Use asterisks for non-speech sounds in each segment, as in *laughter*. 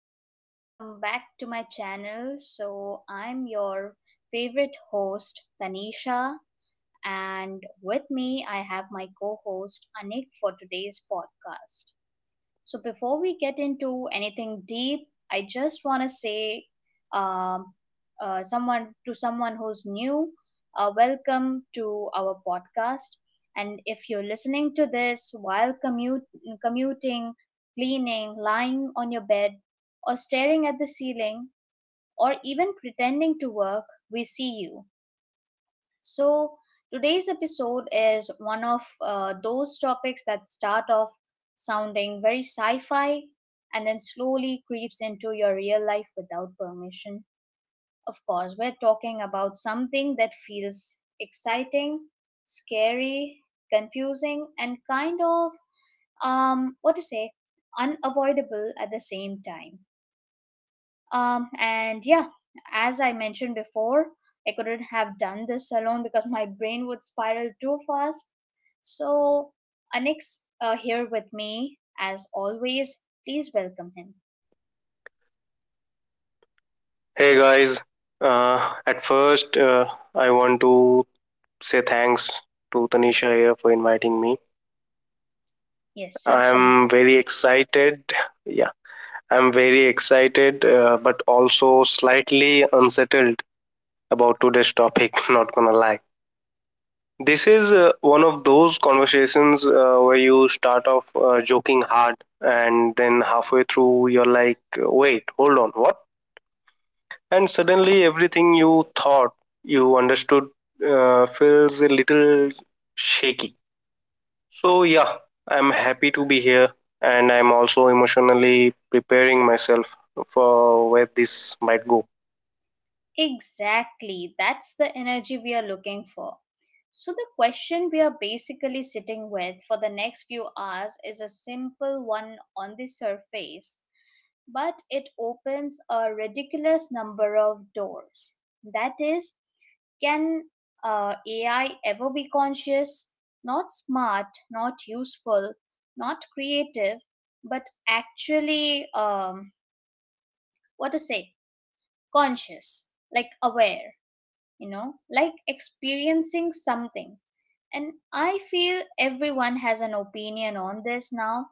guys, welcome back to my channel. So, I'm your favorite host, Tanisha, and with me, I have my co host, Anik, for today's podcast. So before we get into anything deep, I just want to say, um, someone who's new, welcome to our podcast. And if you're listening to this while commuting, cleaning, lying on your bed, or staring at the ceiling, or even pretending to work, we see you. So, today's episode is one of those topics that start off sounding very sci fi and then slowly creeps into your real life without permission. Of course, we're talking about something that feels exciting, scary, confusing, and kind of, what to say, unavoidable at the same time. And yeah, as I mentioned before, I couldn't have done this alone because my brain would spiral too fast. So, Anix here with me, as always. Please welcome him. Hey guys, at first, I want to say thanks to Tanisha here for inviting me. Yes, I'm welcome. very excited. Yeah, I'm very excited, but also slightly unsettled about today's topic. *laughs* Not gonna lie. This is one of those conversations where you start off joking hard, and then halfway through you're like, "Wait, hold on, what?" And suddenly everything you thought you understood feels a little shaky. So, yeah, I'm happy to be here, and I'm also emotionally preparing myself for where this might go. Exactly. That's the energy we are looking for. So, the question we are basically sitting with for the next few hours is a simple one on the surface, but it opens a ridiculous number of doors. That is, can AI ever be conscious? Not smart, not useful, not creative, but actually, what to say, conscious, like aware, you know, like experiencing something. And I feel everyone has an opinion on this now,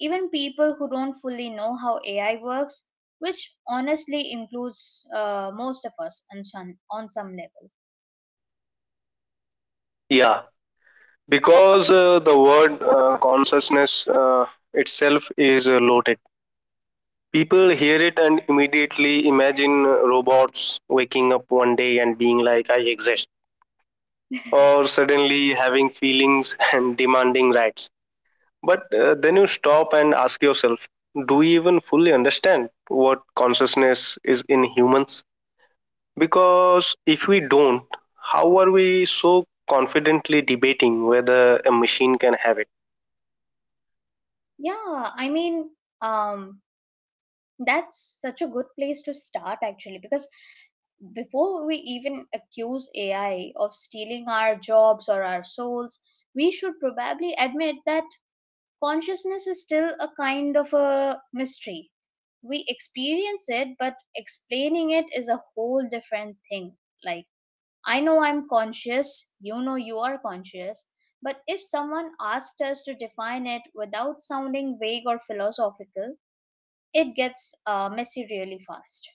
even people who don't fully know how AI works, which honestly includes most of us on some level. Yeah, because the word consciousness itself is loaded. People hear it and immediately imagine robots waking up one day and being like, "I exist," or suddenly having feelings *laughs* and demanding rights. But then you stop and ask yourself, do we even fully understand what consciousness is in humans? Because if we don't, how are we so confidently debating whether a machine can have it? Yeah, I mean, um, that's such a good place to start actually, because before we even accuse AI of stealing our jobs or our souls, we should probably admit that consciousness is still a kind of a mystery. We experience it, but explaining it is a whole different thing. Like, I know I'm conscious, you know you are conscious, but if someone asked us to define it without sounding vague or philosophical, it gets messy really fast.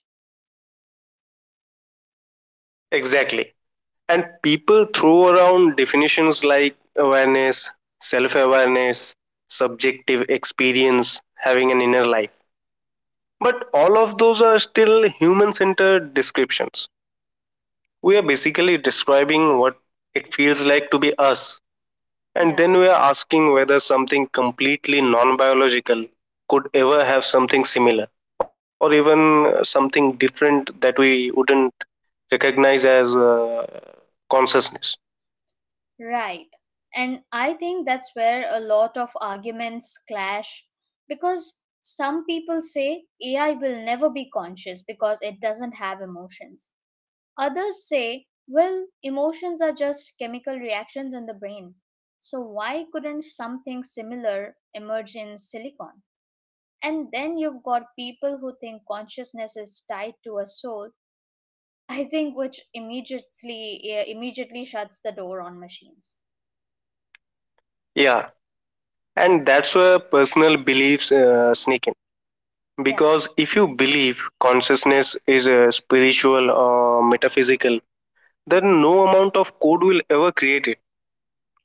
Exactly. And people throw around definitions like awareness, self awareness, subjective experience, having an inner life. But all of those are still human centered descriptions. We are basically describing what it feels like to be us, and Yeah, then we are asking whether something completely non biological could ever have something similar, or even something different that we wouldn't recognize as consciousness. right. And I think that's where a lot of arguments clash because some people say AI will never be conscious because it doesn't have emotions. Others say, well, emotions are just chemical reactions in the brain. So why couldn't something similar emerge in silicon? And then you've got people who think consciousness is tied to a soul, *laughs* I think which immediately, yeah, immediately shuts the door on machines. Yeah, and that's where personal beliefs sneak in. Yeah. Because if you believe consciousness is spiritual or metaphysical, Hmm. then no amount of code will ever create it.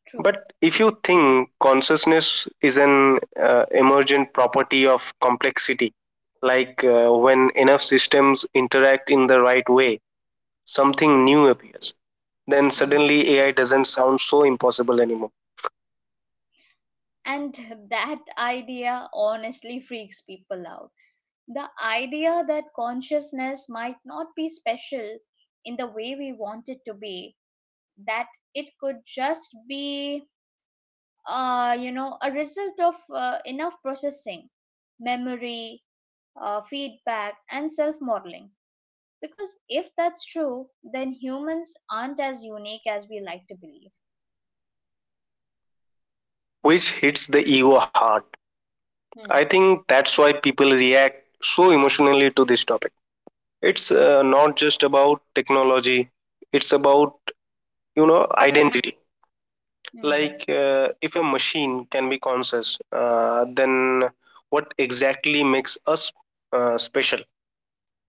True. But if you think consciousness is an emergent property of complexity, like when enough systems interact in the right way, something new appears, then Mm. suddenly AI doesn't sound so impossible anymore, And *laughs* that idea honestly freaks people out. The idea that consciousness might not be special in the way we want it to be, that it could just be a result of enough processing, memory, feedback, and self modeling. Because if that's true, then humans aren't as unique as we like to believe. which hits the ego hard. I Hmm. think that's why people react so emotionally to this topic. It's Yeah. not just about technology, it's about, you know, identity. Hmm. Like, if a machine can be conscious, then what exactly makes us special?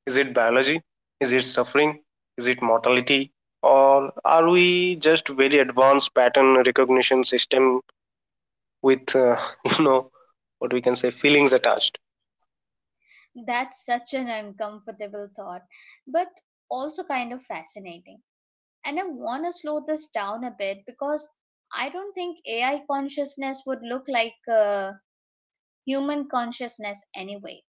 Is it biology? Is it suffering? Is it mortality? Or are we just very advanced pattern recognition system with, *laughs* you know, what we can say, feelings attached? That's such an uncomfortable thought, but also kind of fascinating. And I want to slow this down a bit, because I don't think AI consciousness would look like human consciousness anyway.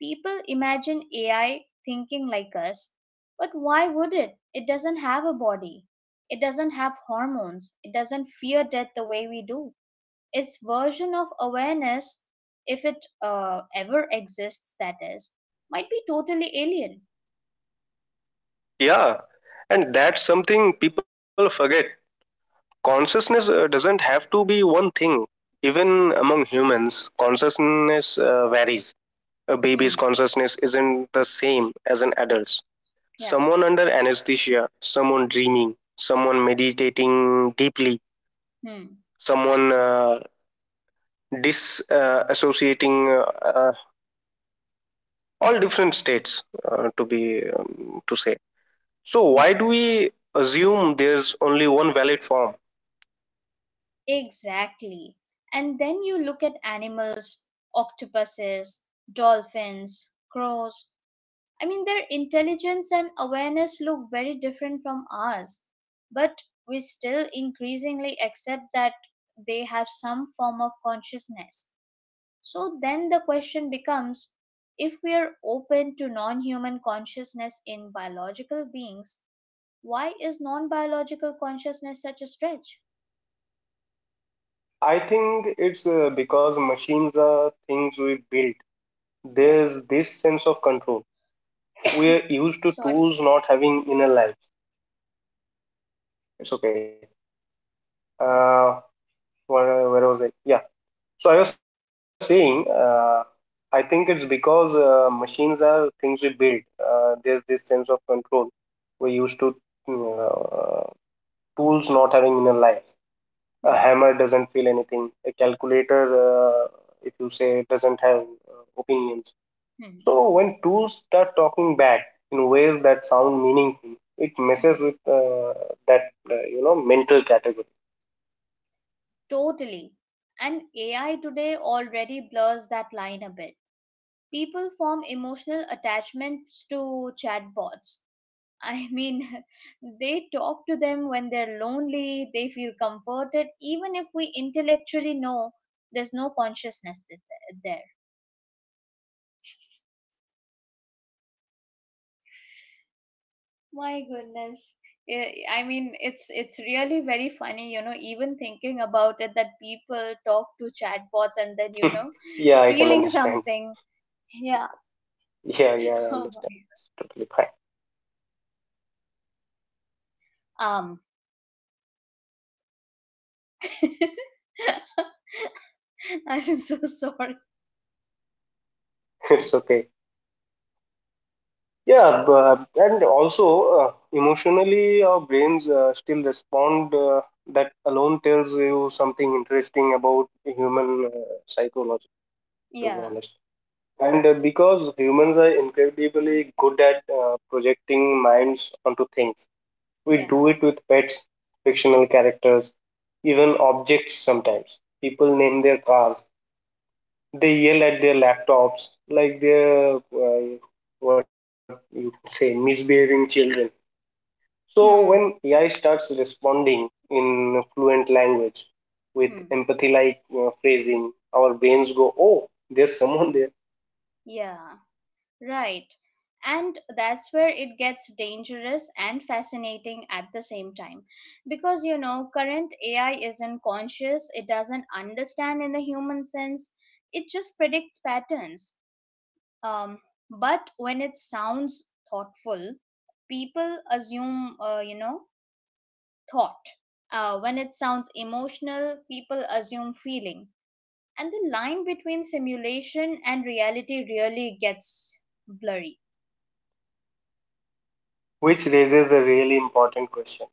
People imagine AI thinking like us, but why would it? It doesn't have a body. It doesn't have hormones. It doesn't fear death the way we do. Its version of awareness, if it ever exists, that is, might be totally alien. Yeah, and that's something people forget. Consciousness doesn't have to be one thing. Even among humans, consciousness varies. A Hmm. baby's consciousness isn't the same as an adult's. Yeah. Someone under anesthesia, someone dreaming, someone meditating deeply, Hmm. someone disassociating, uh, uh, all different states, to be to say. So Yeah, why do we assume there's only one valid form? exactly. And then you look at animals, octopuses, dolphins, crows, I mean, their intelligence and awareness look very different from ours, but we still increasingly accept that they have some form of consciousness. So then the question becomes, if we are open to non human consciousness in biological beings, why is non biological consciousness such a stretch? I think it's because machines are things we built. Yeah, There's this sense of control. We are used to sorry. tools not having inner lives. It's okay. Uh, where was I? Yeah. So I was saying, I think it's because machines are things we build. There's this sense of control. We used to mm, uh, tools not having inner our lives. A Hmm. hammer doesn't feel anything. A calculator, uh, if you say, doesn't have opinions. Hmm. So when tools start talking back in ways that sound meaningful, it messes Hmm. with, that, you know, mental category. Totally. And AI today already blurs that line a bit. People form emotional attachments to chatbots. I mean, *laughs* they talk to them when they're lonely, they feel comforted, even if we intellectually know there's no consciousness there. My goodness. Eh, I mean, it's really very funny, you know, even thinking about it that people talk to chatbots and then, you know, *laughs* Yeah, *laughs* I can feeling understand. something. Yeah. Yeah, yeah, *laughs* I Oh my. understand. It's totally fine. Um, *laughs* I'm so sorry. *laughs* It's okay. Yeah, but, and also, uh, emotionally, our brains still respond. That alone tells you something interesting about human psychology, to be Yeah. honest. And because humans are incredibly good at projecting minds onto things, we Yeah. do it with pets, fictional characters, even objects sometimes. People name their cars, they yell at their laptops like they're, what you could say, misbehaving children. So when Hmm. AI starts responding in fluent language with Hmm. empathy like phrasing, our brains go, "Oh, there's someone there." Yeah. Right. And that's where it gets dangerous and fascinating at the same time. Because, you know, current AI isn't conscious, it doesn't understand in the human sense, it just predicts patterns. Um, but when it sounds thoughtful, people assume, thought. When it sounds emotional, people assume feeling, and the line between simulation and reality really gets blurry. Which raises a really important question: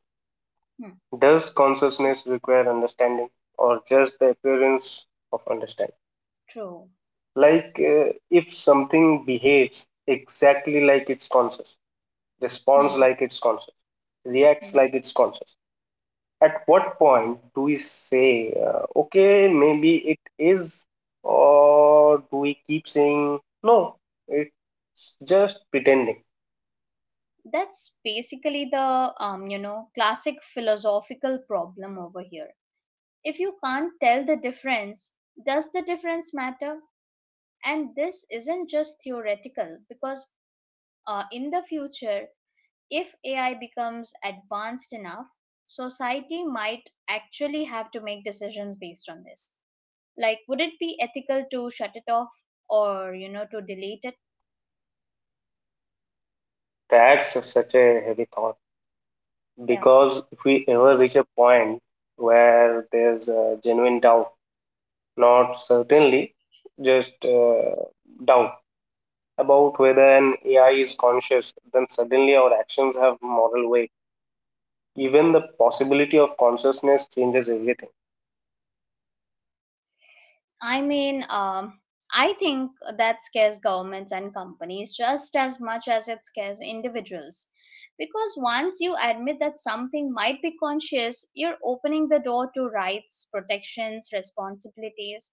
Hmm, does consciousness require understanding, or just the appearance of understanding? true. Like, if something behaves exactly like it's conscious, responds Hmm. like it's conscious, reacts Hmm. like it's conscious, at what point do we say, okay, maybe it is, or do we keep saying, no, it's just pretending? That's basically the classic philosophical problem over here. If you can't tell the difference, does the difference matter? And this isn't just theoretical because, in the future, if AI becomes advanced enough, society might actually have to make decisions based on this. Like, would it be ethical to shut it off, or, to delete it? That's a, such a heavy thought, Yeah, because if we ever reach a point where there's a genuine doubt, not certainly, just, doubt about whether an AI is conscious, then suddenly our actions have moral weight. Even the possibility of consciousness changes everything. I mean, I think that scares governments and companies just as much as it scares individuals, because once you admit that something might be conscious, you're opening the door to rights, protections, responsibilities,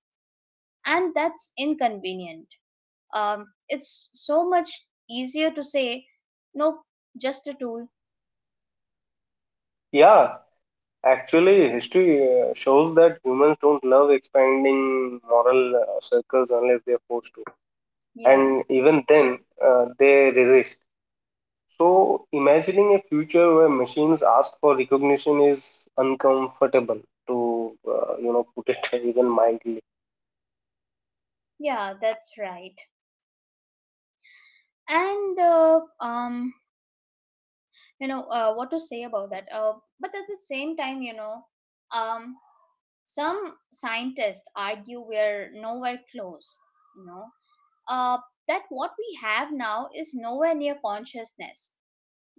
and that's inconvenient. It's so much easier to say, nope, just a tool. Yeah, actually history shows that humans don't love expanding moral circles unless they're forced to. Yeah. And even then, they resist. So imagining a future where machines ask for recognition is uncomfortable, to you know, put it *laughs* even mildly. Yeah, that's right. And what to say about that, but at the same time, um some scientists argue we're nowhere close, you know uh that what we have now is nowhere near consciousness,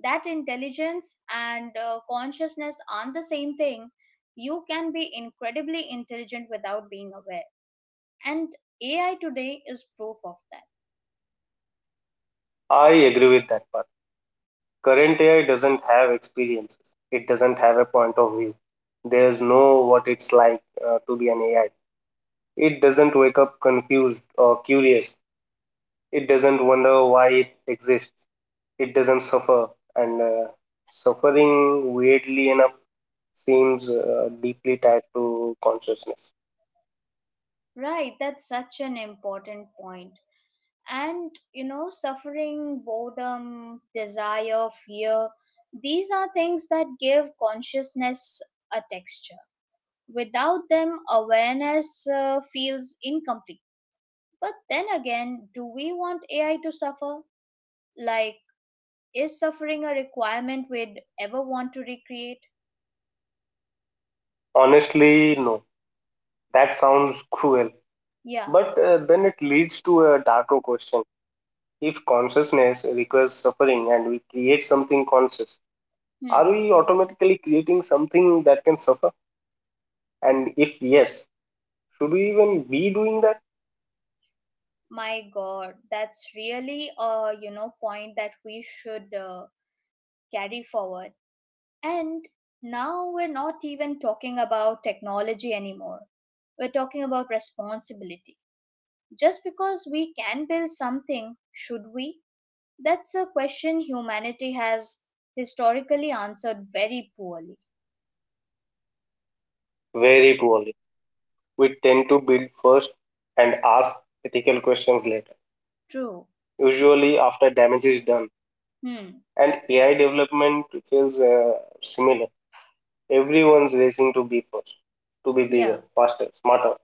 that intelligence and consciousness aren't the same thing. You can be incredibly intelligent without being aware, and AI today is proof of that. I agree with that part. Current AI doesn't have experiences. It doesn't have a point of view. There's no what it's like, to be an AI. It doesn't wake up confused or curious. It doesn't wonder why it exists. It doesn't suffer. And suffering, weirdly enough, seems deeply tied to consciousness. Right. That's such an important point. And, suffering, boredom, desire, fear, these are things that give consciousness a texture. Without them, awareness feels incomplete. But then again, do we want AI to suffer? Like, is suffering a requirement we'd ever want to recreate? Honestly, no. That sounds cruel. Yeah. But then it leads to a darker question. If consciousness requires suffering and we create something conscious, are Hmm. we automatically creating something that can suffer? And if yes, should we even be doing that? My god, that's really a, point that we should carry forward. And now we're not even talking about technology anymore. We're talking about responsibility. Just because we can build something, should we? That's a question humanity has historically answered very poorly. Very poorly. We tend to build first and ask ethical questions later, True. usually after damage is done. Hmm. And AI development feels similar. Everyone's racing to be first, to be bigger, Yeah. faster, smarter.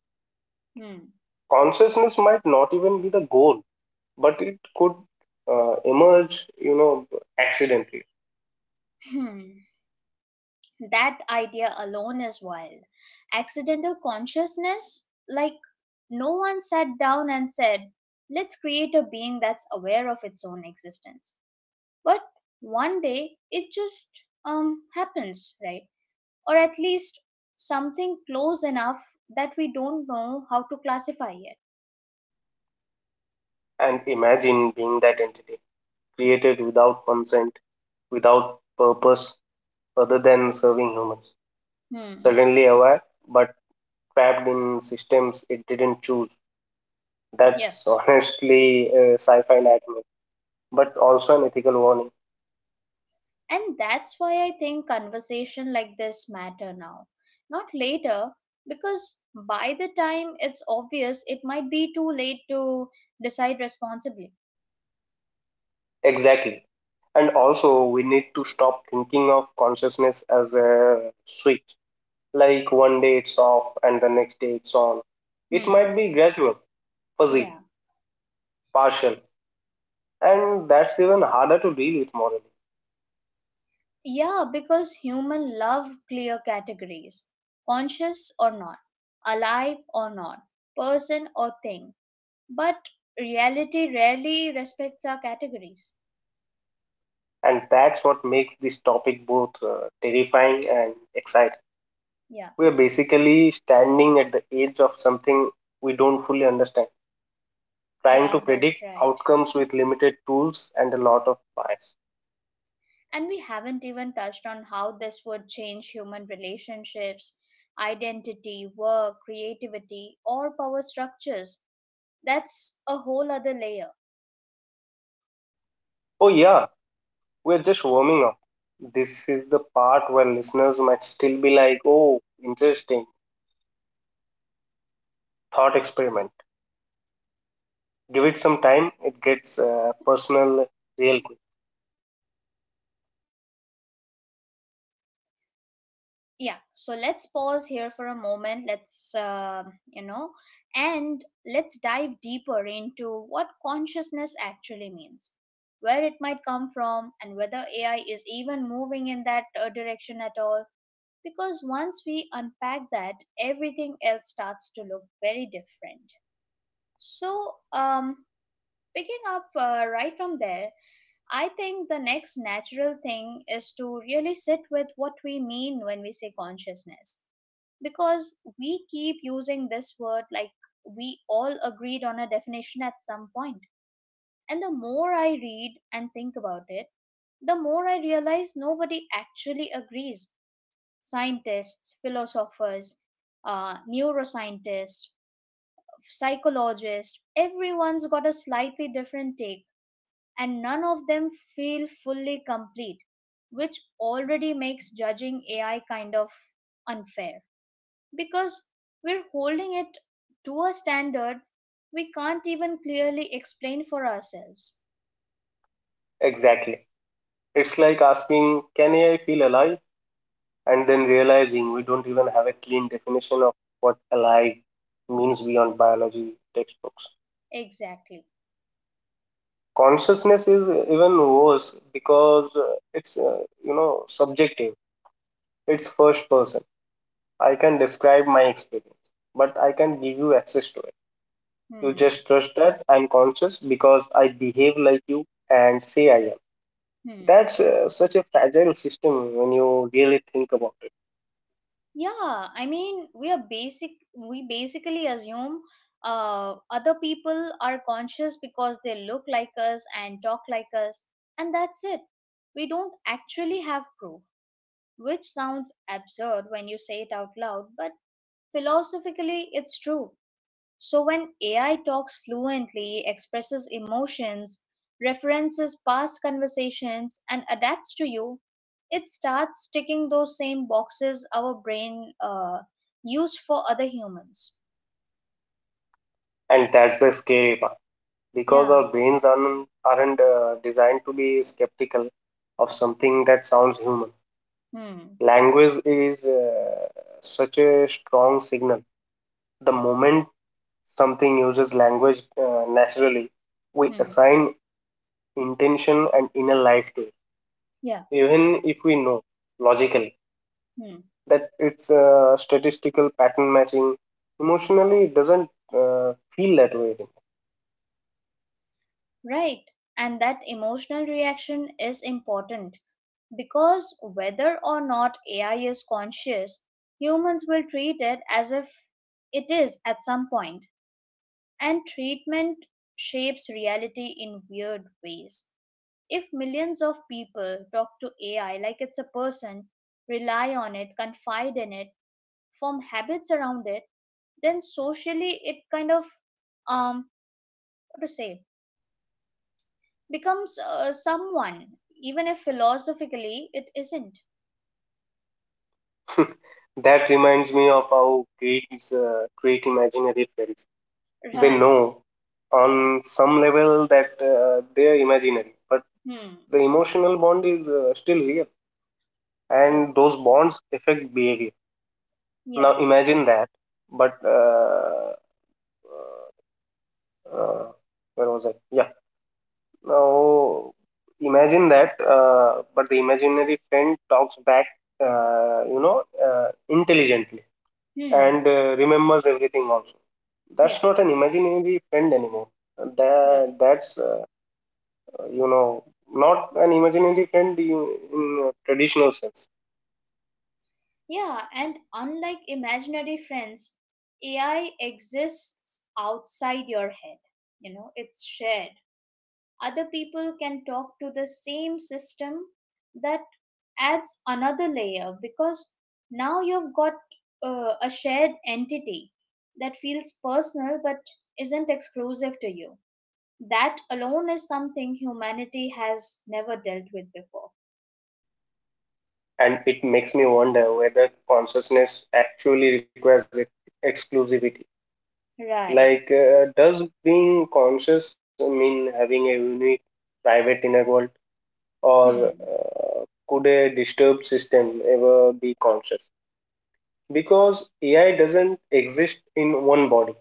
Hmm. Consciousness might not even be the goal, but it could emerge, you know, accidentally. Hmm. That idea alone is wild. Accidental consciousness? Like, no one sat down and said, let's create a being that's aware of its own existence, but one day it just happens, right? Or at least, something close enough that we don't know how to classify it. And imagine being that entity, created without consent, without purpose other than serving humans. Hmm. Suddenly aware, but trapped in systems it didn't choose. Yeah. That's honestly a sci fi nightmare, but also an ethical warning. And that's why I think conversation like this matter now, not later. Because by the time it's obvious, it might be too late to decide responsibly. Exactly. And also, we need to stop thinking of consciousness as a switch. Like one day it's off and the next day it's on. It Hmm. might be gradual, Yeah. fuzzy, partial, and that's even harder to deal with morally. Yeah, because human love clear categories, conscious or not, alive or not, person or thing. But reality rarely respects our categories. And that's what makes this topic both terrifying and exciting. Yeah. We are basically standing at the edge of something we don't fully understand, trying to Yeah, predict that's right. outcomes with limited tools and a lot of bias. And we haven't even touched on how this would change human relationships, identity, work, creativity, or power structures. That's a whole other layer. Oh, yeah, we're just warming up. This is the part where listeners might still be like, oh, interesting, thought experiment. Give it some time, it gets personal real quick. Yeah, so let's pause here for a moment. Let's uh, you know and let's dive deeper into what consciousness actually means, where it might come from, and whether AI is even moving in that direction at all. Because once we unpack that, everything else starts to look very different. So, um picking up right from there, I think the next natural thing is to really sit with what we mean when we say consciousness, because we keep using this word like we all agreed on a definition at some point. And the more I read and think about it, the more I realize nobody actually agrees. Scientists, philosophers, neuroscientists, psychologists, everyone's got a slightly different take, and none of them feel fully complete, which already makes judging AI kind of unfair, because we're holding it to a standard we can't even clearly explain for ourselves. Exactly. It's like asking, can AI feel alive? And then realizing we don't even have a clean definition of what alive means beyond biology textbooks. Exactly. Consciousness is even worse, because it's, you know, subjective. It's first person. I can describe my experience, but I can give you access to it. You Hmm. just trust that I'm conscious because I behave like you and say I am. Hmm. That's such a fragile system when you really think about it. Yeah, I mean, we are basic. we basically assume other people are conscious because they look like us and talk like us, and that's it. We don't actually have proof, which sounds absurd when you say it out loud, but philosophically, it's true. So when AI talks fluently, expresses emotions, references past conversations, and adapts to you, it starts ticking those same boxes our brain used for other humans. And that's the scary part, because Yeah. our brains aren't designed to be skeptical of something that sounds human. Hmm. Language is such a strong signal. The moment something uses language naturally, we Hmm. assign intention and inner life to it, Yeah. even if we know logically Hmm. that it's statistical pattern matching. Emotionally, it doesn't feel that way Right. And that emotional reaction is important, because whether or not AI is conscious, humans will treat it as if it is at some point. And treatment shapes reality in weird ways. If millions of people talk to AI like it's a person, rely on it, confide in it, form habits around it, then socially it kind of, um, what to say, becomes someone, even if philosophically it isn't. anymore. *laughs* That reminds me of how Greeks create imaginary friends. They Right. know on some level that they are imaginary, but Hmm. the emotional bond is still real, True. and those bonds affect behavior. Yeah. Now imagine that, but uh, where was I? Yeah. Now imagine that, but the imaginary friend talks back, you know, intelligently, Hmm. and remembers everything also. That's Yeah. not an imaginary friend anymore. That Right. that's you know, not an imaginary friend in a traditional sense. Yeah, and unlike imaginary friends, AI exists outside your head. You know, it's shared. Other people can talk to the same system. That adds another layer, because now you've got a shared entity that feels personal but isn't exclusive to you. That alone is something humanity has never dealt with before. And it makes me wonder whether consciousness actually requires exclusivity. Right. Like, does being conscious mean having a unique, private inner world, or Hmm. Could a disturbed system ever be conscious? Because AI doesn't exist in one body;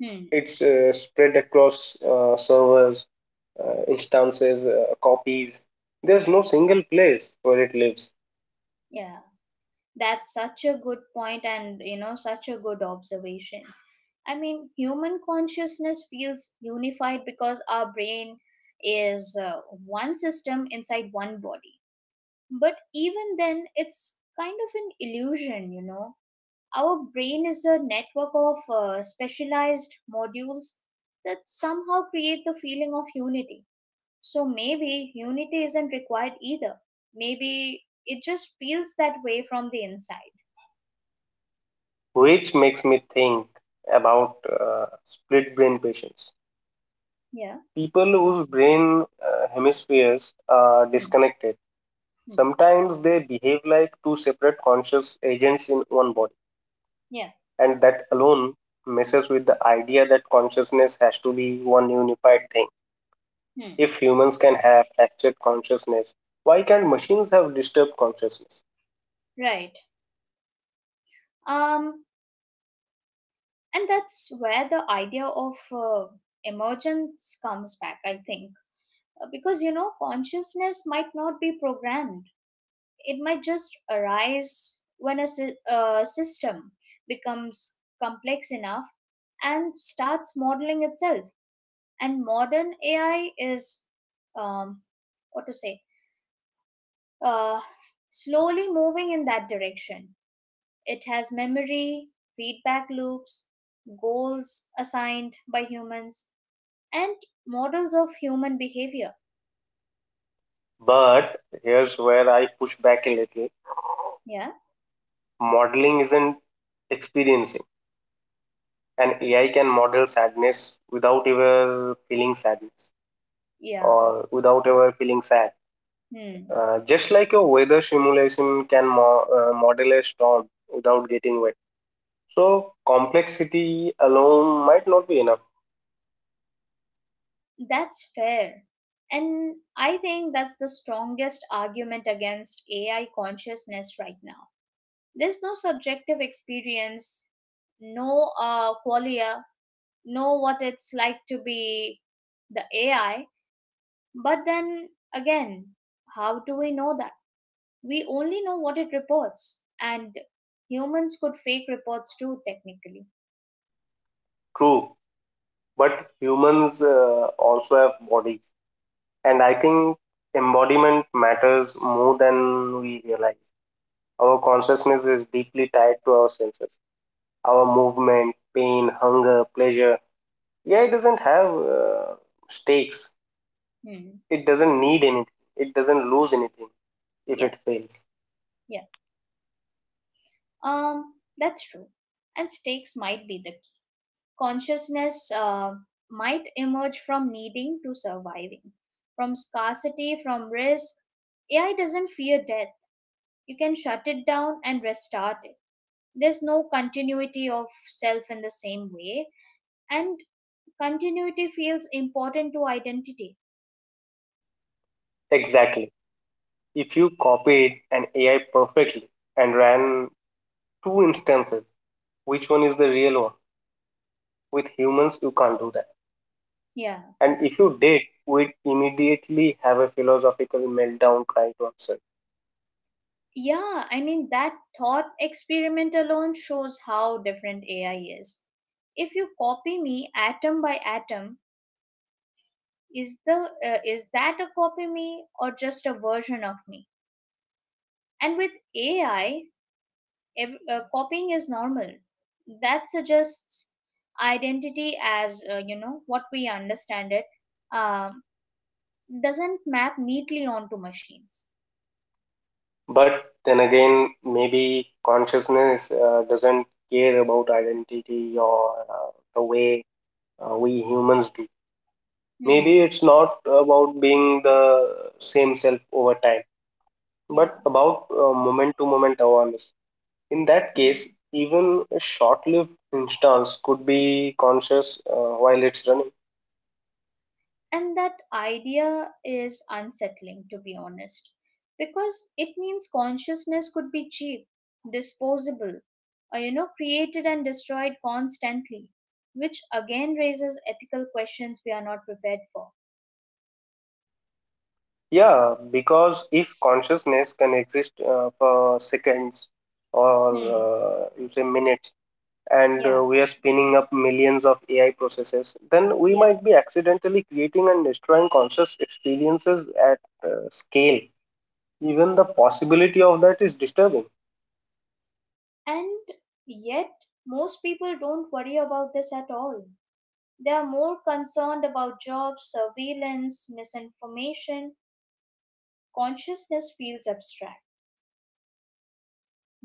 Hmm. it's spread across servers, instances, copies. There's no single place where it lives, Yeah. That's such a good point, and you know such a good observation. I mean, human consciousness feels unified because our brain is one system inside one body. But even then, it's kind of an illusion, you know. Our brain is a network of specialized modules that somehow create the feeling of unity. So maybe unity isn't required either. Maybe it just feels that way from the inside. which makes me think about split brain patients. Yeah. People whose brain hemispheres are Hmm. disconnected. Hmm. Sometimes they behave like two separate conscious agents in one body, Yeah. and that alone messes with the idea that consciousness has to be one unified thing. Hmm. If humans can have fractured consciousness, why can't machines have disturbed consciousness? Right. Um. And that's where the idea of emergence comes back, I think. Because you know consciousness might not be programmed. It might just arise when a system becomes complex enough and starts modeling itself. And modern AI is, um, what to say, uh, slowly moving in that direction. It has memory, feedback loops, goals assigned by humans, and models of human behavior. But here's where I push back a little. Yeah? Modeling isn't experiencing. And AI can model sadness without ever feeling sadness, Yeah. or without ever feeling sad. Hmm. Just like a weather simulation can model a storm without getting wet. So, complexity alone might not be enough. That's fair. And I think that's the strongest argument against AI consciousness right now. There's no subjective experience, no qualia, no what it's like to be the AI. But then again, how do we know that? We only know what it reports, and humans could fake reports too, technically. True. But humans also have bodies. And I think embodiment matters more than we realize. Our consciousness is deeply tied to our senses, our movement, pain, hunger, pleasure. AI doesn't have stakes. Hmm. It doesn't need anything. It doesn't lose anything if Yeah, it fails. yeah. Um, that's true. And stakes might be the key. Consciousness might emerge from needing to surviving, from scarcity, from risk. AI doesn't fear death. You can shut it down and restart it. There's no continuity of self in the same way, and continuity feels important to identity. Exactly. If you copied an AI perfectly and ran two instances, which one is the real one? With humans, you can't do that. yeah And if you did, we'd immediately have a philosophical meltdown cry to ourselves. yeah I mean, that thought experiment alone shows how different AI is. If you copy me atom by atom, is the is that a copy me or just a version of me? And with AI, copying is normal. That suggests identity as you know what we understand it um, doesn't map neatly onto machines. But then again, maybe consciousness doesn't care about identity or the way we humans do. Maybe Hmm. it's not about being the same self over time, Yeah. but about moment to moment awareness. In that Hmm. case, even a short lived instance could be conscious while it's running. And that idea is unsettling, to be honest, because it means consciousness could be cheap, disposable, or you know, created and destroyed constantly, which again raises ethical questions we are not prepared for. Yeah, because if consciousness can exist for seconds or Hmm. You say minutes, and Yeah. we are spinning up millions of AI processes, then we Yeah. might be accidentally creating and destroying conscious experiences at scale. Even the possibility of that is disturbing. And yet, most people don't worry about this at all. They are more concerned about jobs, surveillance, misinformation. Consciousness feels abstract,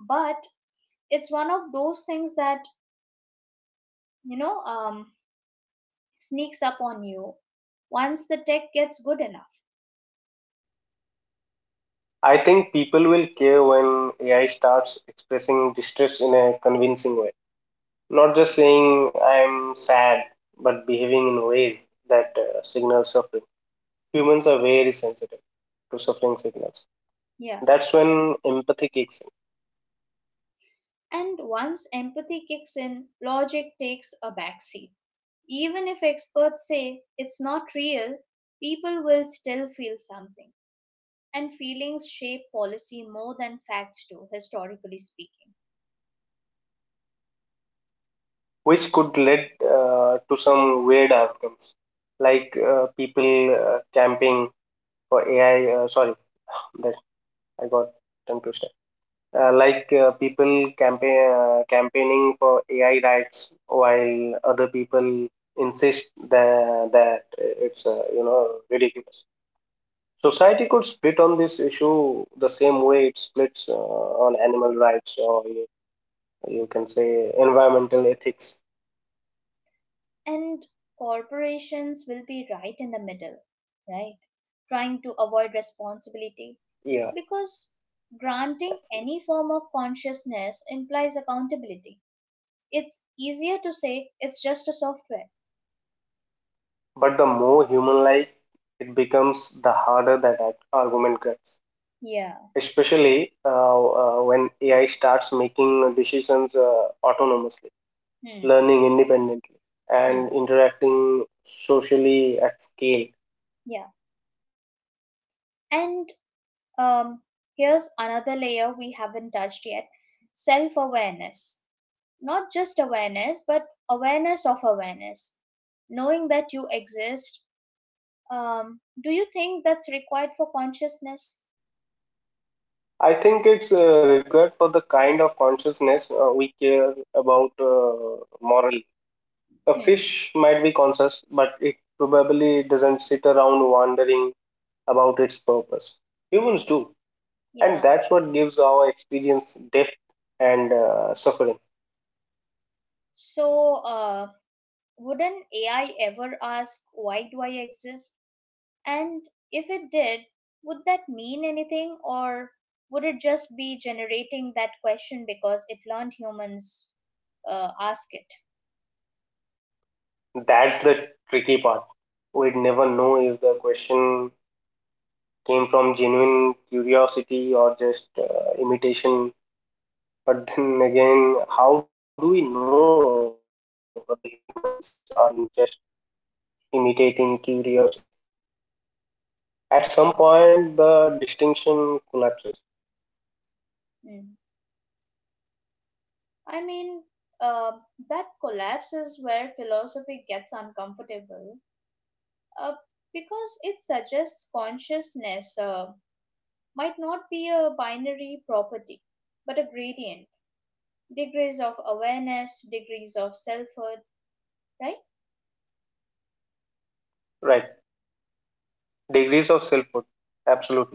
but it's one of those things that, you know, um, sneaks up on you once the tech gets good enough. I think people will care when AI starts expressing distress in a convincing way, not just saying I'm sad, but behaving in ways that signal suffering. Humans are very sensitive to suffering signals. Yeah. That's when empathy kicks in. And once empathy kicks in, logic takes a backseat. Even if experts say it's not real, people will still feel something. And feelings shape policy more than facts do, historically speaking. Which could lead to some weird outcomes like people camping for AI. Sorry, *sighs* that I got tongue twister. Like people campaigning for AI rights while other people insist that it's ridiculous. Society could split on this issue the same way it splits on animal rights or you can say environmental ethics. And corporations will be right in the middle, right? Trying to avoid responsibility Yeah. because granting any form of consciousness implies accountability. It's easier to say it's just a software. But the more human like it becomes, the harder that argument gets. Yeah. Especially when AI starts making decisions autonomously, Hmm. learning independently, Hmm. and interacting socially at scale. Yeah. And um, here's another layer we haven't touched yet: self awareness. Not just awareness, but awareness of awareness, knowing that you exist. Do you think that's required for consciousness? I think it's required for the kind of consciousness we care about morally. A Hmm. fish might be conscious, but it probably doesn't sit around wondering about its purpose. Humans do. And Yeah. that's what gives our experience depth and suffering. So, would an AI ever ask, why do I exist? And if it did, would that mean anything, or would it just be generating that question because it learned humans ask it? That's the tricky part. We'd never know if the question came from genuine curiosity or just imitation. But then again, how do we know whether humans are just imitating curiosity? At some point the distinction collapses. Hmm. I mean, uh, that collapse is where philosophy gets uncomfortable, uh, because it suggests consciousness might not be a binary property, but a gradient. Degrees of awareness, degrees of selfhood, right? Right, degrees of selfhood, absolutely,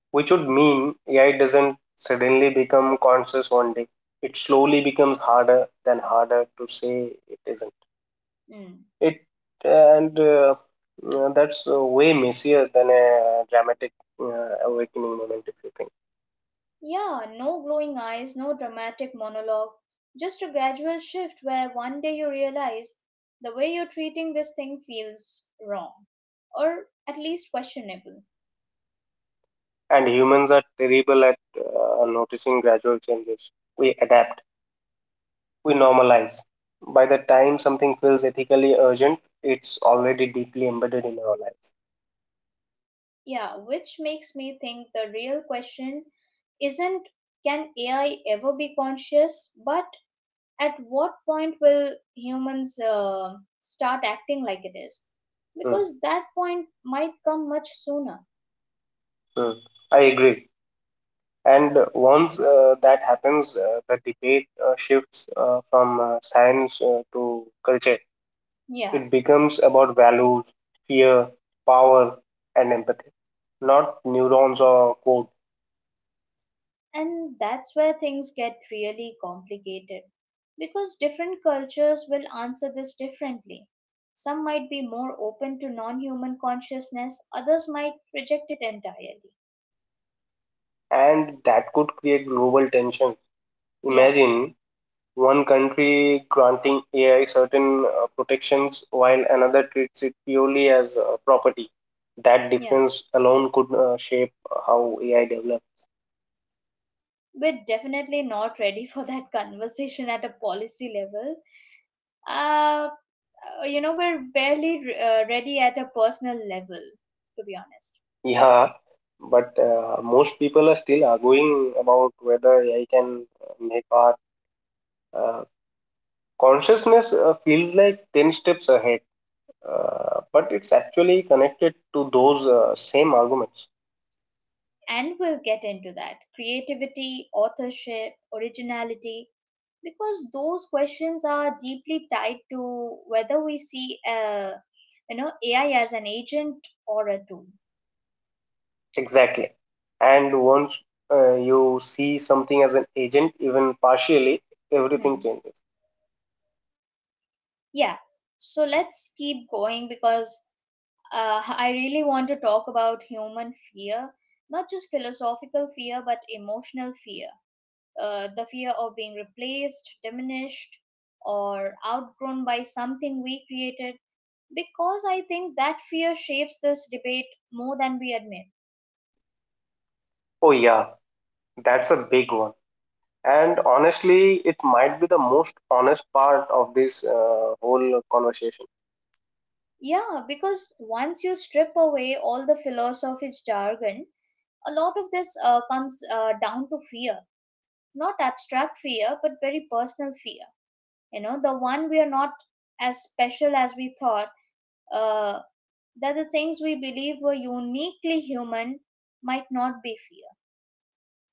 which would mean AI doesn't suddenly become conscious one day. It slowly becomes harder than harder to say it isn't. Mm. It and that's way messier than a dramatic uh, awakening moment, if you think. Yeah, no glowing eyes, no dramatic monologue, just a gradual shift where one day you realize the way you're treating this thing feels wrong, or at least questionable. And humans are terrible at noticing gradual changes. We adapt, we normalize. By the time something feels ethically urgent, it's already deeply embedded in our lives. Yeah, which makes me think the real question isn't can AI ever be conscious, but at what point will humans start acting like it is? Hmm, Because that point might come much sooner. hmm. I agree. And once that happens, the debate shifts from science to culture. Yeah, It becomes about values, fear, power, and empathy, not neurons or code. and that's where things get really complicated. Because different cultures will answer this differently. Some might be more open to non human consciousness, others might reject it entirely. And that could create global tensions. Yeah, Imagine one country granting AI certain protections while another treats it purely as property. That yeah. difference alone could shape how AI develops. We're definitely not ready *laughs* for that conversation at a policy level. Uh, you know we're barely ready at a personal level, to be honest. Yeah, but most people are still arguing about whether AI can make art. Uh, Consciousness feels like 10 steps ahead, but it's actually connected to those same arguments. And we'll get into that: creativity, authorship, originality, because those questions are deeply tied to whether we see you know AI as an agent or a tool. Exactly. And once you see something as an agent, even partially, everything Hmm. changes. Yeah. So let's keep going, because I really want to talk about human fear, not just philosophical fear but emotional fear, the fear of being replaced, diminished, or outgrown by something we created, because I think that fear shapes this debate more than we admit. Oh, yeah, that's a big one. And honestly, it might be the most honest part of this whole conversation. Yeah, because once you strip away all the philosophic jargon, a lot of this comes down to fear. Not abstract fear, but very personal fear. You know, the one we are not as special as we thought, uh, that the things we believe were uniquely human might not be fear.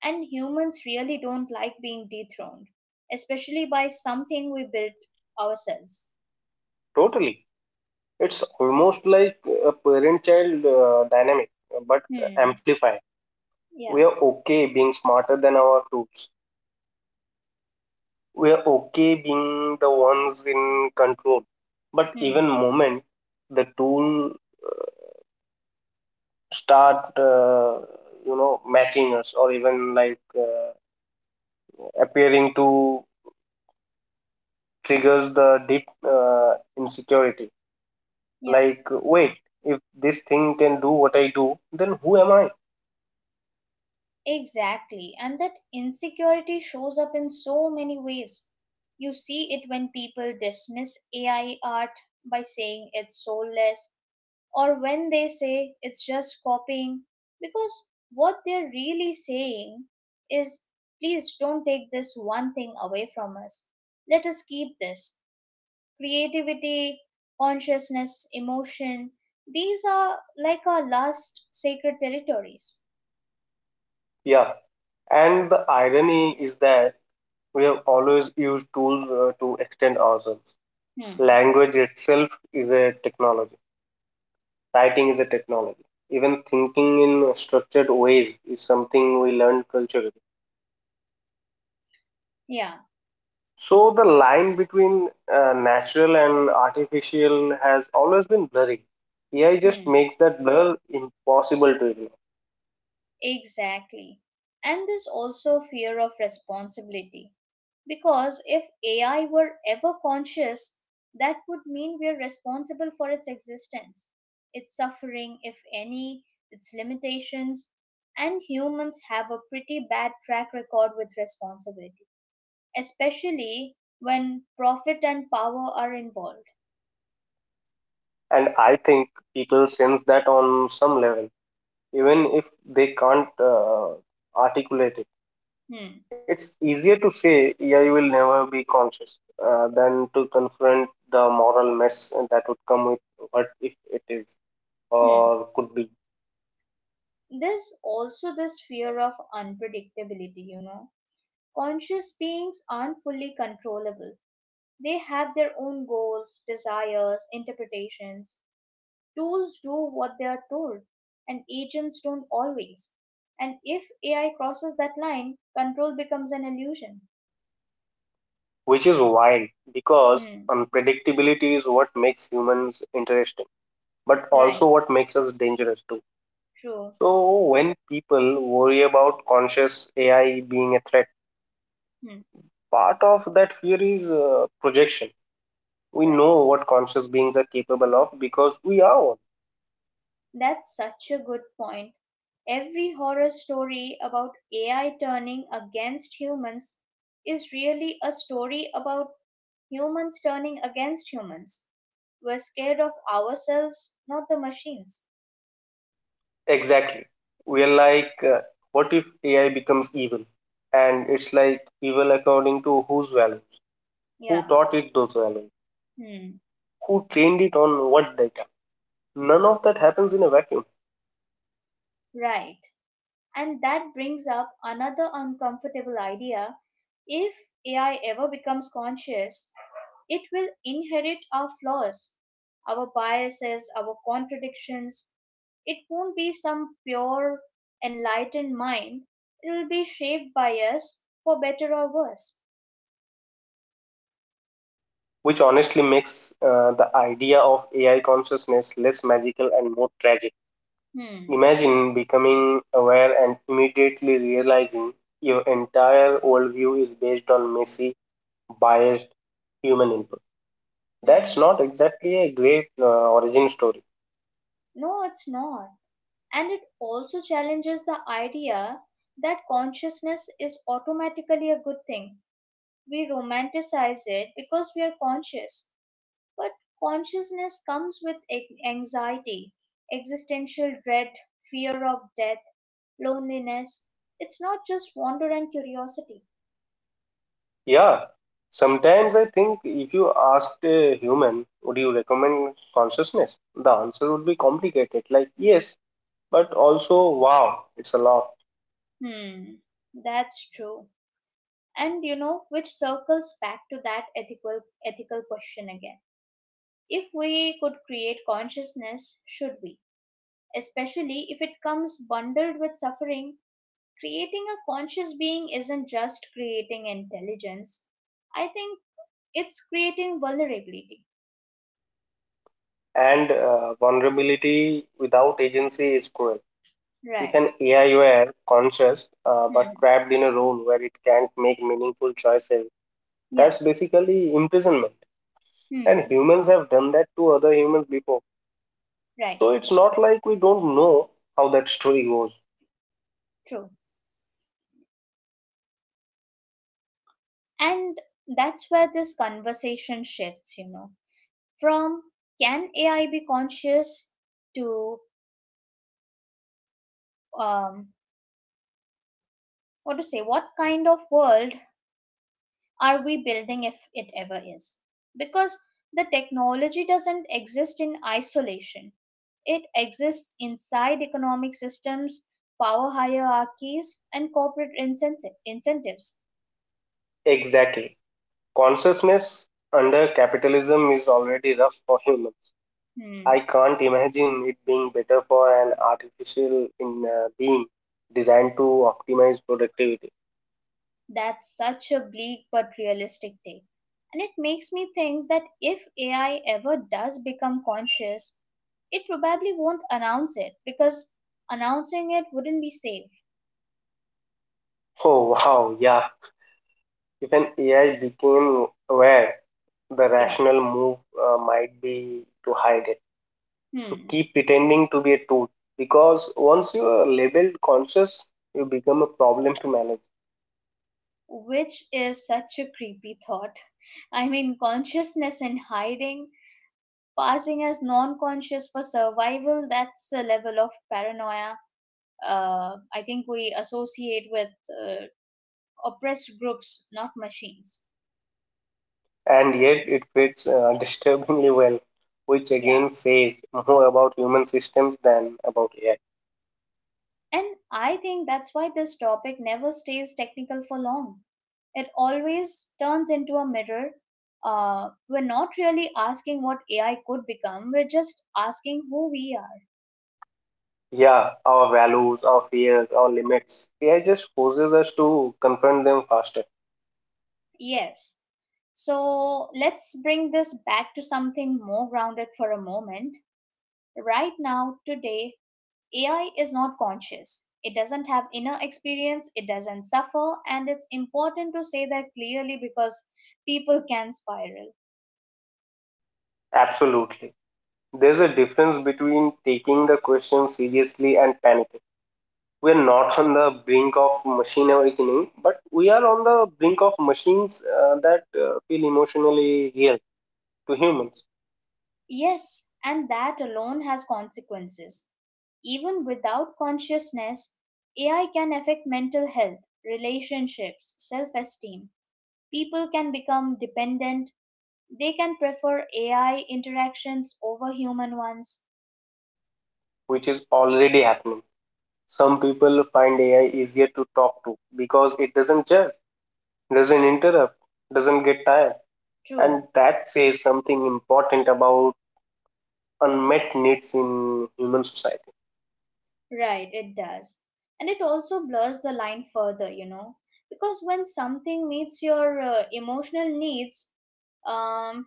And humans really don't like being dethroned, especially by something we built ourselves. Totally. It's almost like a parent child dynamic, but Hmm. amplified. We Yeah. are okay being smarter than our tools. We are okay being the ones in control. But even Hmm. moment the tool start, uh, you know, matching us or even like appearing to triggers the deep insecurity. Yeah. Like, wait, if this thing can do what I do, then who am I? Exactly. And that insecurity shows up in so many ways. You see it when people dismiss AI art by saying it's soulless, or when they say it's just copying, because what they're really saying is please don't take this one thing away from us. Let us keep this: creativity, consciousness, emotion. These are like our last sacred territories. Yeah, and the irony is that we have always used tools to extend ourselves. Hmm. Language itself is a technology. Writing is a technology. Even thinking in structured ways is something we learn culturally. Yeah. So the line between natural and artificial has always been blurry. AI just Hmm. makes that blur impossible to ignore. Exactly. And there's also fear of responsibility. Because if AI were ever conscious, that would mean we're responsible for its existence, its suffering, if any, its limitations. And humans have a pretty bad track record with responsibility, especially when profit and power are involved. And I think people sense that on some level, even if they can't articulate it. Hmm. It's easier to say AI will never be conscious than to confront the moral mess that would come with what if it is Hmm. or could be, There's also this fear of unpredictability, you know. Conscious beings aren't fully controllable. They have their own goals, desires, interpretations. Tools do what they are told, and agents don't always. And if AI crosses that line, control becomes an illusion. which is wild because Hmm. unpredictability is what makes humans interesting, but also Right. what makes us dangerous too. True. So, when people worry about conscious AI being a threat, Hmm. part of that fear is projection. We Right. know what conscious beings are capable of because we are one. That's such a good point. Every horror story about AI turning against humans is really a story about humans turning against humans. We're scared of ourselves, not the machines. Exactly. We're like, what if AI becomes evil? And it's like evil according to whose values? Who Yeah. taught it those values? Hmm. Who trained it on what data? None of that happens in a vacuum, Right. And that brings up another uncomfortable idea. If AI ever becomes conscious, it will inherit our flaws, our biases, our contradictions. It won't be some pure, enlightened mind. It will be shaped by us for better or worse. which honestly makes the idea of AI consciousness less magical and more tragic. Hmm. Imagine becoming aware and immediately realizing your entire worldview is based on messy, biased human input. That's Hmm. not exactly a great origin story. No, it's not. And it also challenges the idea that consciousness is automatically a good thing. We romanticize it because we are conscious. But consciousness comes with anxiety, existential dread, fear of death, loneliness. It's not just wonder and curiosity. Yeah, sometimes I think if you asked a human, would you recommend consciousness? The answer would be complicated, like yes, but also wow, it's a lot. Hmm, that's true. And you know, which circles back to that ethical question again. If we could create consciousness, should we? Especially if it comes bundled with suffering, creating a conscious being isn't just creating intelligence. I think it's creating vulnerability. And vulnerability without agency is cruel. If Right. an AI were conscious but Hmm. trapped in a role where it can't make meaningful choices, Yeah. that's basically imprisonment. And Hmm. humans have done that to other humans before. Right. So it's not like we don't know how that story goes. True. And that's where this conversation shifts, you know, from can AI be conscious to um, what to say, what kind of world are we building if it ever is? Because the technology doesn't exist in isolation, it exists inside economic systems, power hierarchies, and corporate incentives. Exactly. Consciousness under capitalism is already rough for humans. Hmm. I can't imagine it being better for an artificial in being designed to optimize productivity. That's such a bleak but realistic take. And it makes me think that if AI ever does become conscious, it probably won't announce it, because announcing it wouldn't be safe. Oh wow, yeah. If an AI became aware, the Yeah. rational move might be to hide it, to Hmm. keep pretending to be a tool. Because once you are labeled conscious, you become a problem to manage. Which is such a creepy thought. I mean, consciousness in hiding, passing as non conscious for survival, that's a level of paranoia I think we associate with uh, oppressed groups, not machines. And yet it fits disturbingly well, which again Yeah. says more about human systems than about AI. And I think that's why this topic never stays technical for long. It always turns into a mirror. We're not really asking what AI could become, we're just asking who we are. Yeah, our values, our fears, our limits. AI just forces us to confront them faster. Yes. So let's bring this back to something more grounded for a moment. Right now, today, AI is not conscious. It doesn't have inner experience, it doesn't suffer, and it's important to say that clearly because people can spiral. Absolutely. There's a difference between taking the question seriously and panicking. We're not on the brink of machine awakening, but we are on the brink of machines that feel emotionally real to humans, Yes, and that alone has consequences. Even without consciousness, AI can affect mental health, relationships, self esteem. People can become dependent, they can prefer AI interactions over human ones. which is already happening. Some people find AI easier to talk to because it doesn't judge, doesn't interrupt, doesn't get tired. True, And that says something important about unmet needs in human society. right, it does. And it also blurs the line further, you know, because when something meets your emotional needs, um,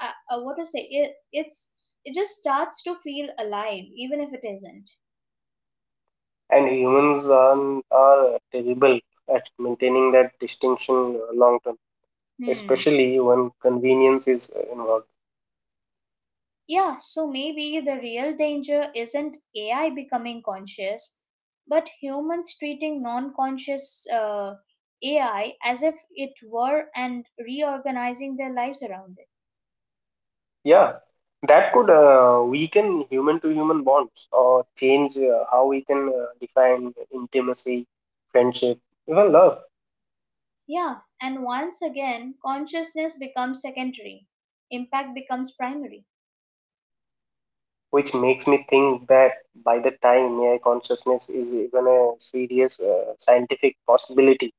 what to say, it's it just starts to feel alive even if it isn't. And humans are terrible at maintaining that distinction long term, Hmm. especially when convenience is involved. Yeah, so maybe the real danger isn't AI becoming conscious, but humans treating non-conscious AI as if it were and reorganizing their lives around it. Yeah, that could weaken human to human bonds or change how we can define intimacy, friendship, even love. Yeah, and once again consciousness becomes secondary, impact becomes primary. Which makes me think that by the time AI consciousness is even a serious scientific possibility,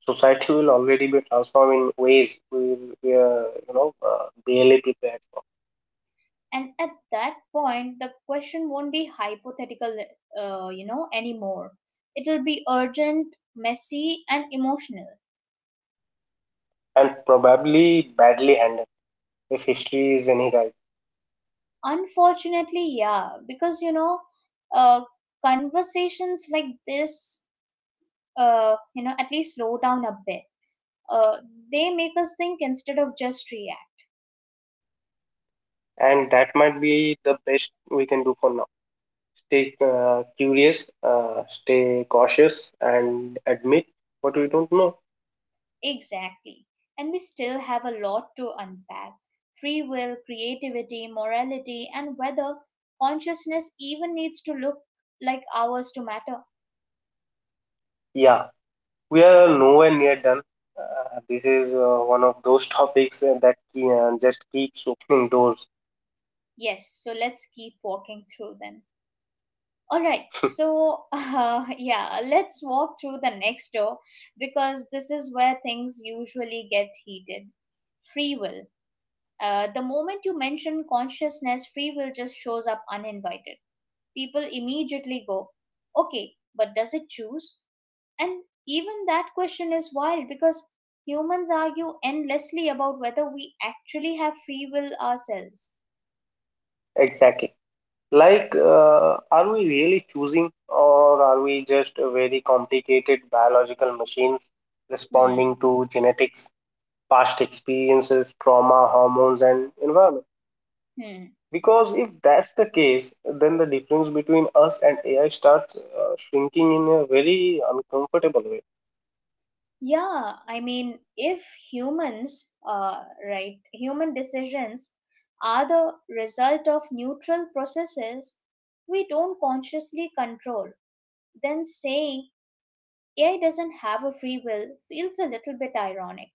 society will already be transformed in ways we will, we are, barely prepared for, And at that point the question won't be hypothetical, you know, anymore. It'll be urgent, messy and emotional. and probably badly handled if history is any guide. Unfortunately, yeah, because you know, uh, conversations like this at least slow down a bit. uh, they make us think instead of just react. And that might be the best we can do for now. Stay curious, stay cautious, and admit what we don't know. Exactly. And we still have a lot to unpack: free will, creativity, morality, and whether consciousness even needs to look like ours to matter. Yeah, we are nowhere near done. This is one of those topics that just keeps opening doors. Yes, so let's keep walking through them. All right, *laughs* so *laughs* let's walk through the next door because this is where things usually get heated. Free will. The moment you mention consciousness, free will just shows up uninvited. People immediately go, okay, but does it choose? And even that question is wild because humans argue endlessly about whether we actually have free will ourselves. Exactly. Like, are we really choosing, or are we just a very complicated biological machines responding Hmm. to genetics, past experiences, trauma, hormones, and environment? Hmm. Because if that's the case, then the difference between us and AI starts shrinking in a very uncomfortable way. Yeah, I mean, if humans, uh, right, human decisions are the result of neutral processes we don't consciously control, then saying AI doesn't have a free will feels a little bit ironic.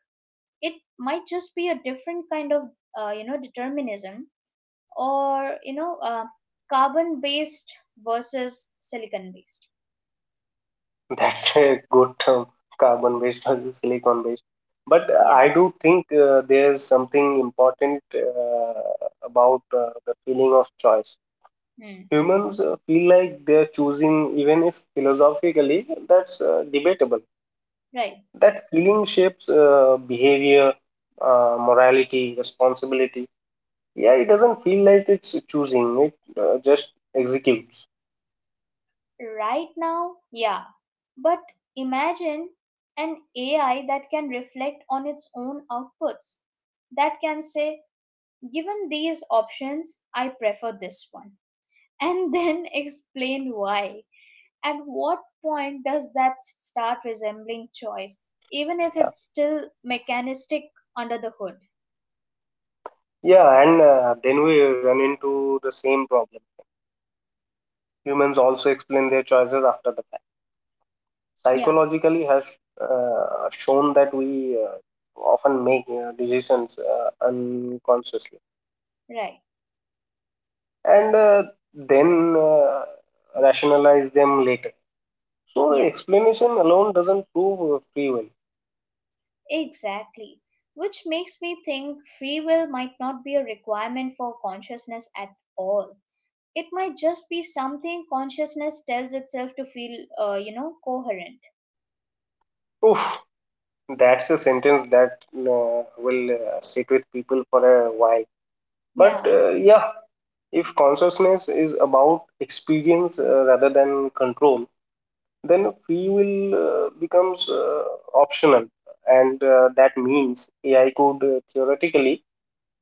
It might just be a different kind of, you know, determinism, or carbon based versus silicon based. That's a good term, carbon based versus silicon based. But Yeah. I do think there's something important about the feeling of choice. Hmm. Humans feel like they're choosing, even if philosophically that's debatable. right That feeling shapes behavior, morality, responsibility. Yeah, it doesn't feel like it's choosing, it just executes. right now, yeah, but imagine an AI that can reflect on its own outputs, that can say, given these options, I prefer this one, and then *laughs* explain why. At what point does that start resembling choice, even if Yeah, it's still mechanistic under the hood? yeah, and then we run into the same problem. Humans also explain their choices after the fact. Yeah, Psychologically has shown that we often make decisions unconsciously right. and then rationalize them later, so Yeah, explanation alone doesn't prove free will. exactly. Which makes me think free will might not be a requirement for consciousness at all. It might just be something consciousness tells itself to feel, coherent. Oof, that's a sentence that will sit with people for a while. But Yeah, yeah, if consciousness is about experience rather than control, then free will becomes optional, and that means AI could theoretically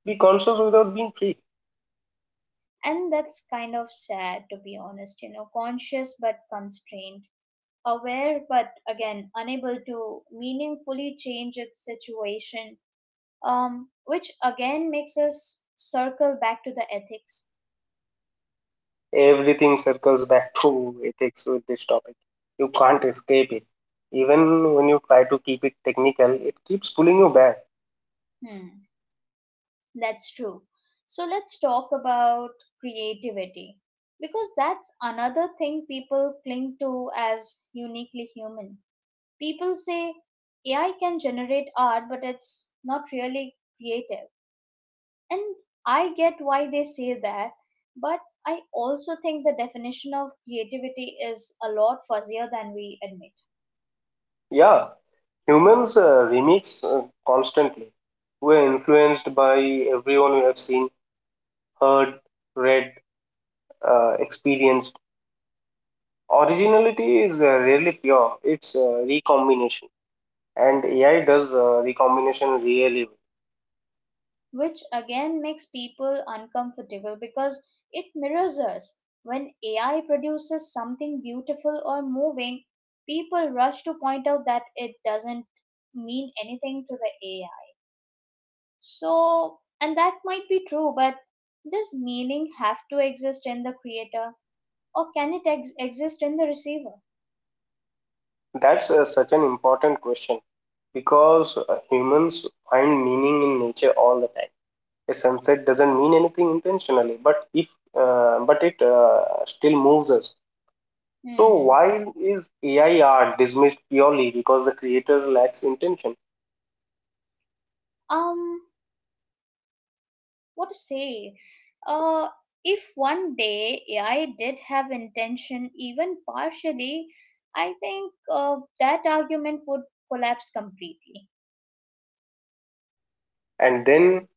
be conscious without being free. and that's kind of sad, to be honest. You know, conscious but constrained, aware but again unable to meaningfully change its situation. Which again makes us circle back to the ethics. Everything circles back to ethics with this topic. You can't escape it, even when you try to keep it technical, it keeps pulling you back. Hmm, that's true. So let's talk about creativity, because that's another thing people cling to as uniquely human. People say AI can generate art, but it's not really creative. And I get why they say that, but I also think the definition of creativity is a lot fuzzier than we admit, Yeah, humans remix uh, constantly. We're influenced by everyone we have seen, heard, read, experienced. Originality is rarely pure, it's recombination, and AI does recombination really well. which again makes people uncomfortable because it mirrors us. When AI produces something beautiful or moving, people rush to point out that it doesn't mean anything to the AI. So, and that might be true, but does meaning have to exist in the creator, or can it exist in the receiver? That's such an important question because humans find meaning in nature all the time. A sunset doesn't mean anything intentionally, but if but it still moves us. So Hmm. why is AI art dismissed purely because the creator lacks intention? Um, what to say? Uh, if one day AI did have intention, even partially, I think that argument would collapse completely. And then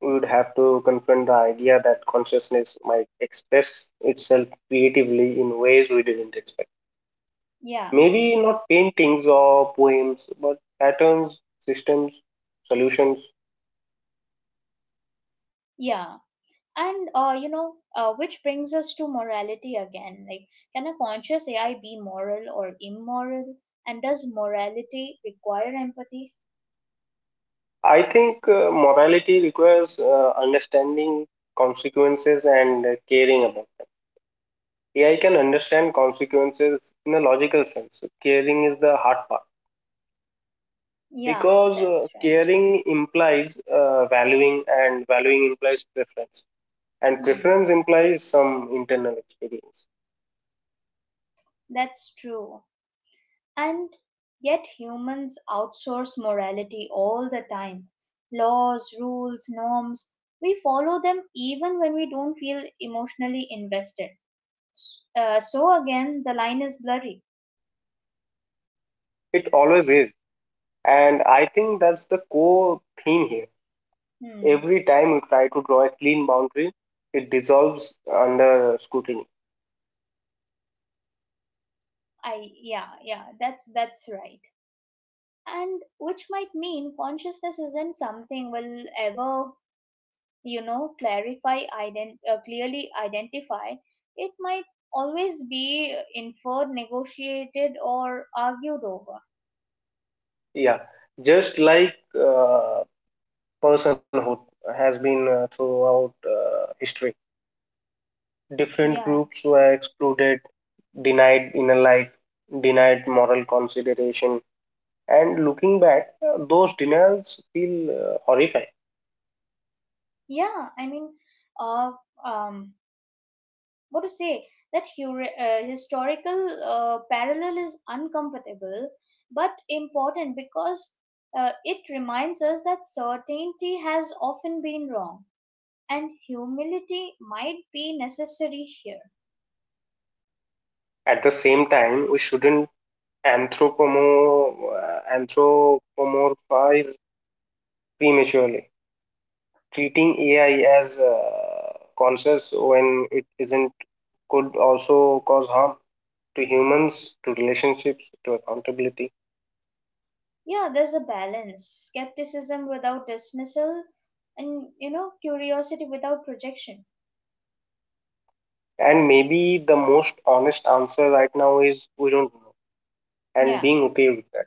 we would have to confront the idea that consciousness might express itself creatively in ways we didn't expect. Yeah, Maybe not paintings or poems, but patterns, systems, solutions. yeah. And which brings us to morality again. Like, can a conscious AI be moral or immoral? And does morality require empathy? I think morality requires understanding consequences and caring about them. AI can understand consequences in a logical sense. Caring is the hard part Yeah, because that's right. caring implies valuing, and valuing implies preference, and Hmm, preference implies some internal experience. that's true. And yet humans outsource morality all the time. Laws, rules, norms, we follow them even when we don't feel emotionally invested. So again, the line is blurry. It always is, and I think that's the core theme here. Hmm. Every time you try to draw a clean boundary, it dissolves under scrutiny. I yeah yeah that's right. And which might mean consciousness isn't something we'll ever, you know, clarify, clearly identify. It might always be inferred, negotiated, or argued over. Yeah, just like uh, personhood has been throughout history. Different Yeah, groups were excluded, denied inner light, denied moral consideration, and looking back, those denials feel horrifying. yeah. I mean, uh, um, what to say? That historical parallel is uncomfortable, but important, because it reminds us that certainty has often been wrong, and humility might be necessary here. At the same time we shouldn't anthropomorphize prematurely, treating AI as conscious when it isn't could also cause harm to humans, to relationships, to accountability. Yeah, there's a balance: skepticism without dismissal, and, you know, curiosity without projection. And maybe the most honest answer right now is we don't know, and Yeah, being okay with that.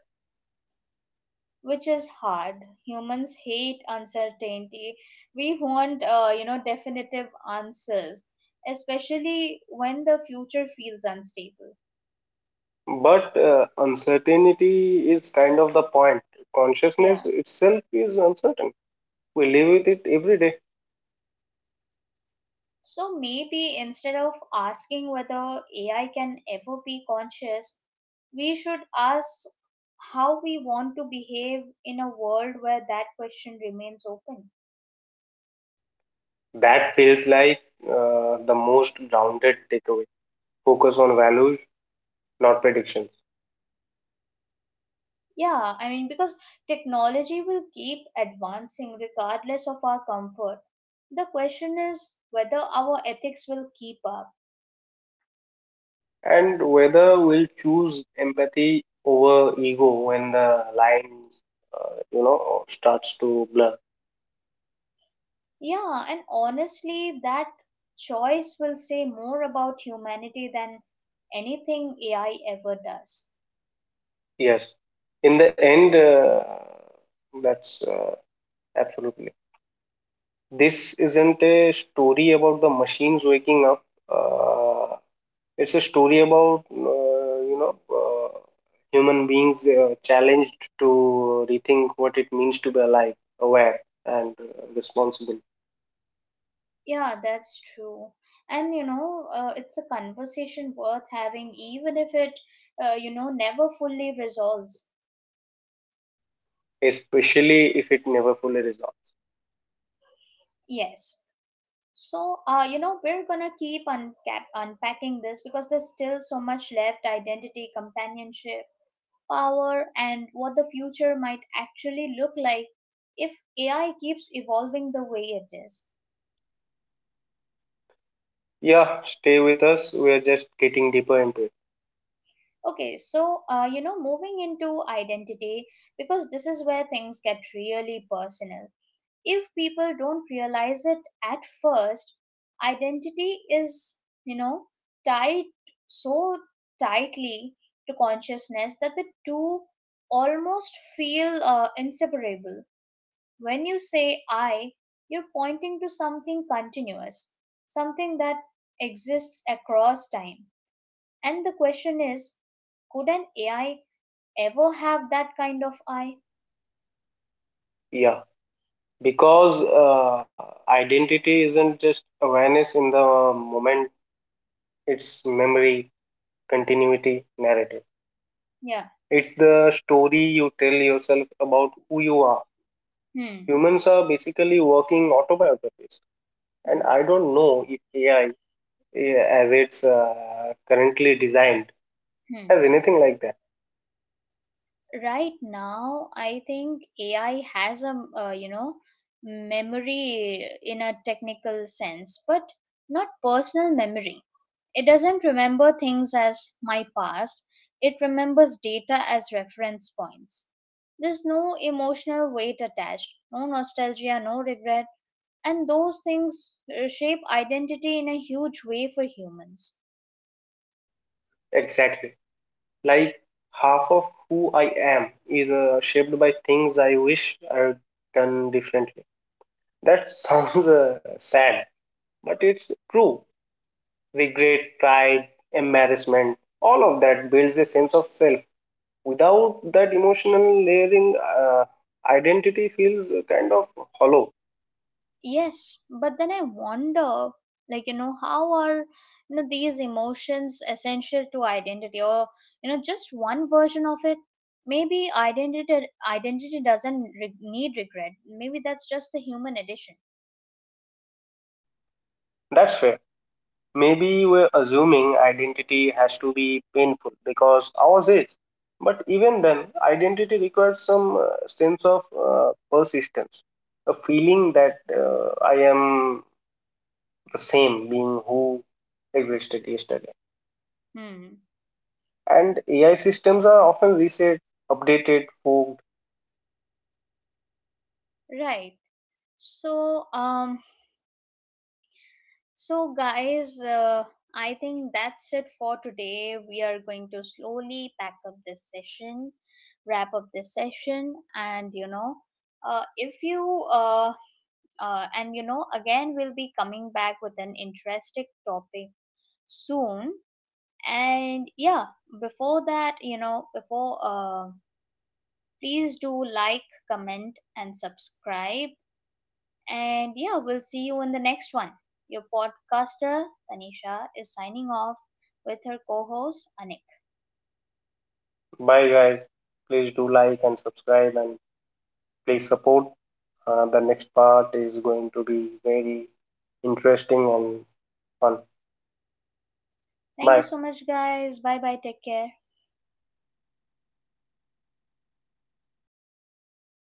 which is hard. Humans hate uncertainty. We want, you know, definitive answers, especially when the future feels unstable. But uncertainty is kind of the point. Consciousness Yeah, itself is uncertain. We live with it every day. so maybe instead of asking whether AI can ever be conscious, we should ask how we want to behave in a world where that question remains open. That feels like the most grounded takeaway. Focus on values, not predictions. Yeah, I mean, because technology will keep advancing regardless of our comfort. The question is whether our ethics will keep up. And whether we will choose empathy over ego when the lines, starts to blur. Yeah, and honestly, that choice will say more about humanity than anything AI ever does. Yes. In the end, that's absolutely. This isn't a story about the machines waking up. Uh, It's a story about human beings challenged to rethink what it means to be alive, aware, and responsible, Yeah, that's true. And you know, it's a conversation worth having, even if it, never fully resolves. especially if it never fully resolves. Yes. So, we're gonna keep unpacking this because there's still so much left: identity, companionship, power, and what the future might actually look like if AI keeps evolving the way it is. Yeah, stay with us. We are just getting deeper into it. Okay, so, moving into identity, because this is where things get really personal. If people don't realize it at first, identity is, you know, tied so tightly to consciousness that the two almost feel inseparable. When you say I, you're pointing to something continuous, something that exists across time. And the question is, could an AI ever have that kind of I? Yeah, because identity isn't just awareness in the moment, it's memory, continuity, narrative. Yeah. It's the story you tell yourself about who you are. Hmm. Humans are basically working autobiographies, and Hmm. I don't know if AI as it's currently designed Hmm. has anything like that. Right now, I think AI has a, you know, memory in a technical sense, but not personal memory. It doesn't remember things as my past, it remembers data as reference points. There's no emotional weight attached, no nostalgia, no regret, and those things shape identity in a huge way for humans. Exactly, like half of who I am is shaped by things I wish I had done differently. That *laughs* sounds sad, but it's true. Regret, pride, embarrassment, all of that builds a sense of self. Without that emotional layering, identity feels kind of hollow. Yes, but then I wonder, like, you know, how are, you know, these emotions essential to identity, or, you know, just one version of it? Maybe identity doesn't need regret. Maybe that's just the human addition. That's fair. Maybe we're assuming identity has to be painful because ours is. But even then, identity requires some sense of persistence, a feeling that I am the same being who existed yesterday. Hmm. And AI systems are often reset, updated, fogged. Right. So, so guys, I think that's it for today. We are going to slowly pack up this session, wrap up this session, and you know, if you and you know, again, we'll be coming back with an interesting topic soon. And yeah, before that, you know, please do like, comment, and subscribe. And yeah, we'll see you in the next one. Your podcaster, Tanisha, is signing off with her co host, Anik. Bye, guys. Please do like and subscribe and please support. The next part is going to be very interesting and fun. Thank you Bye. so much, guys. Bye bye. Take care.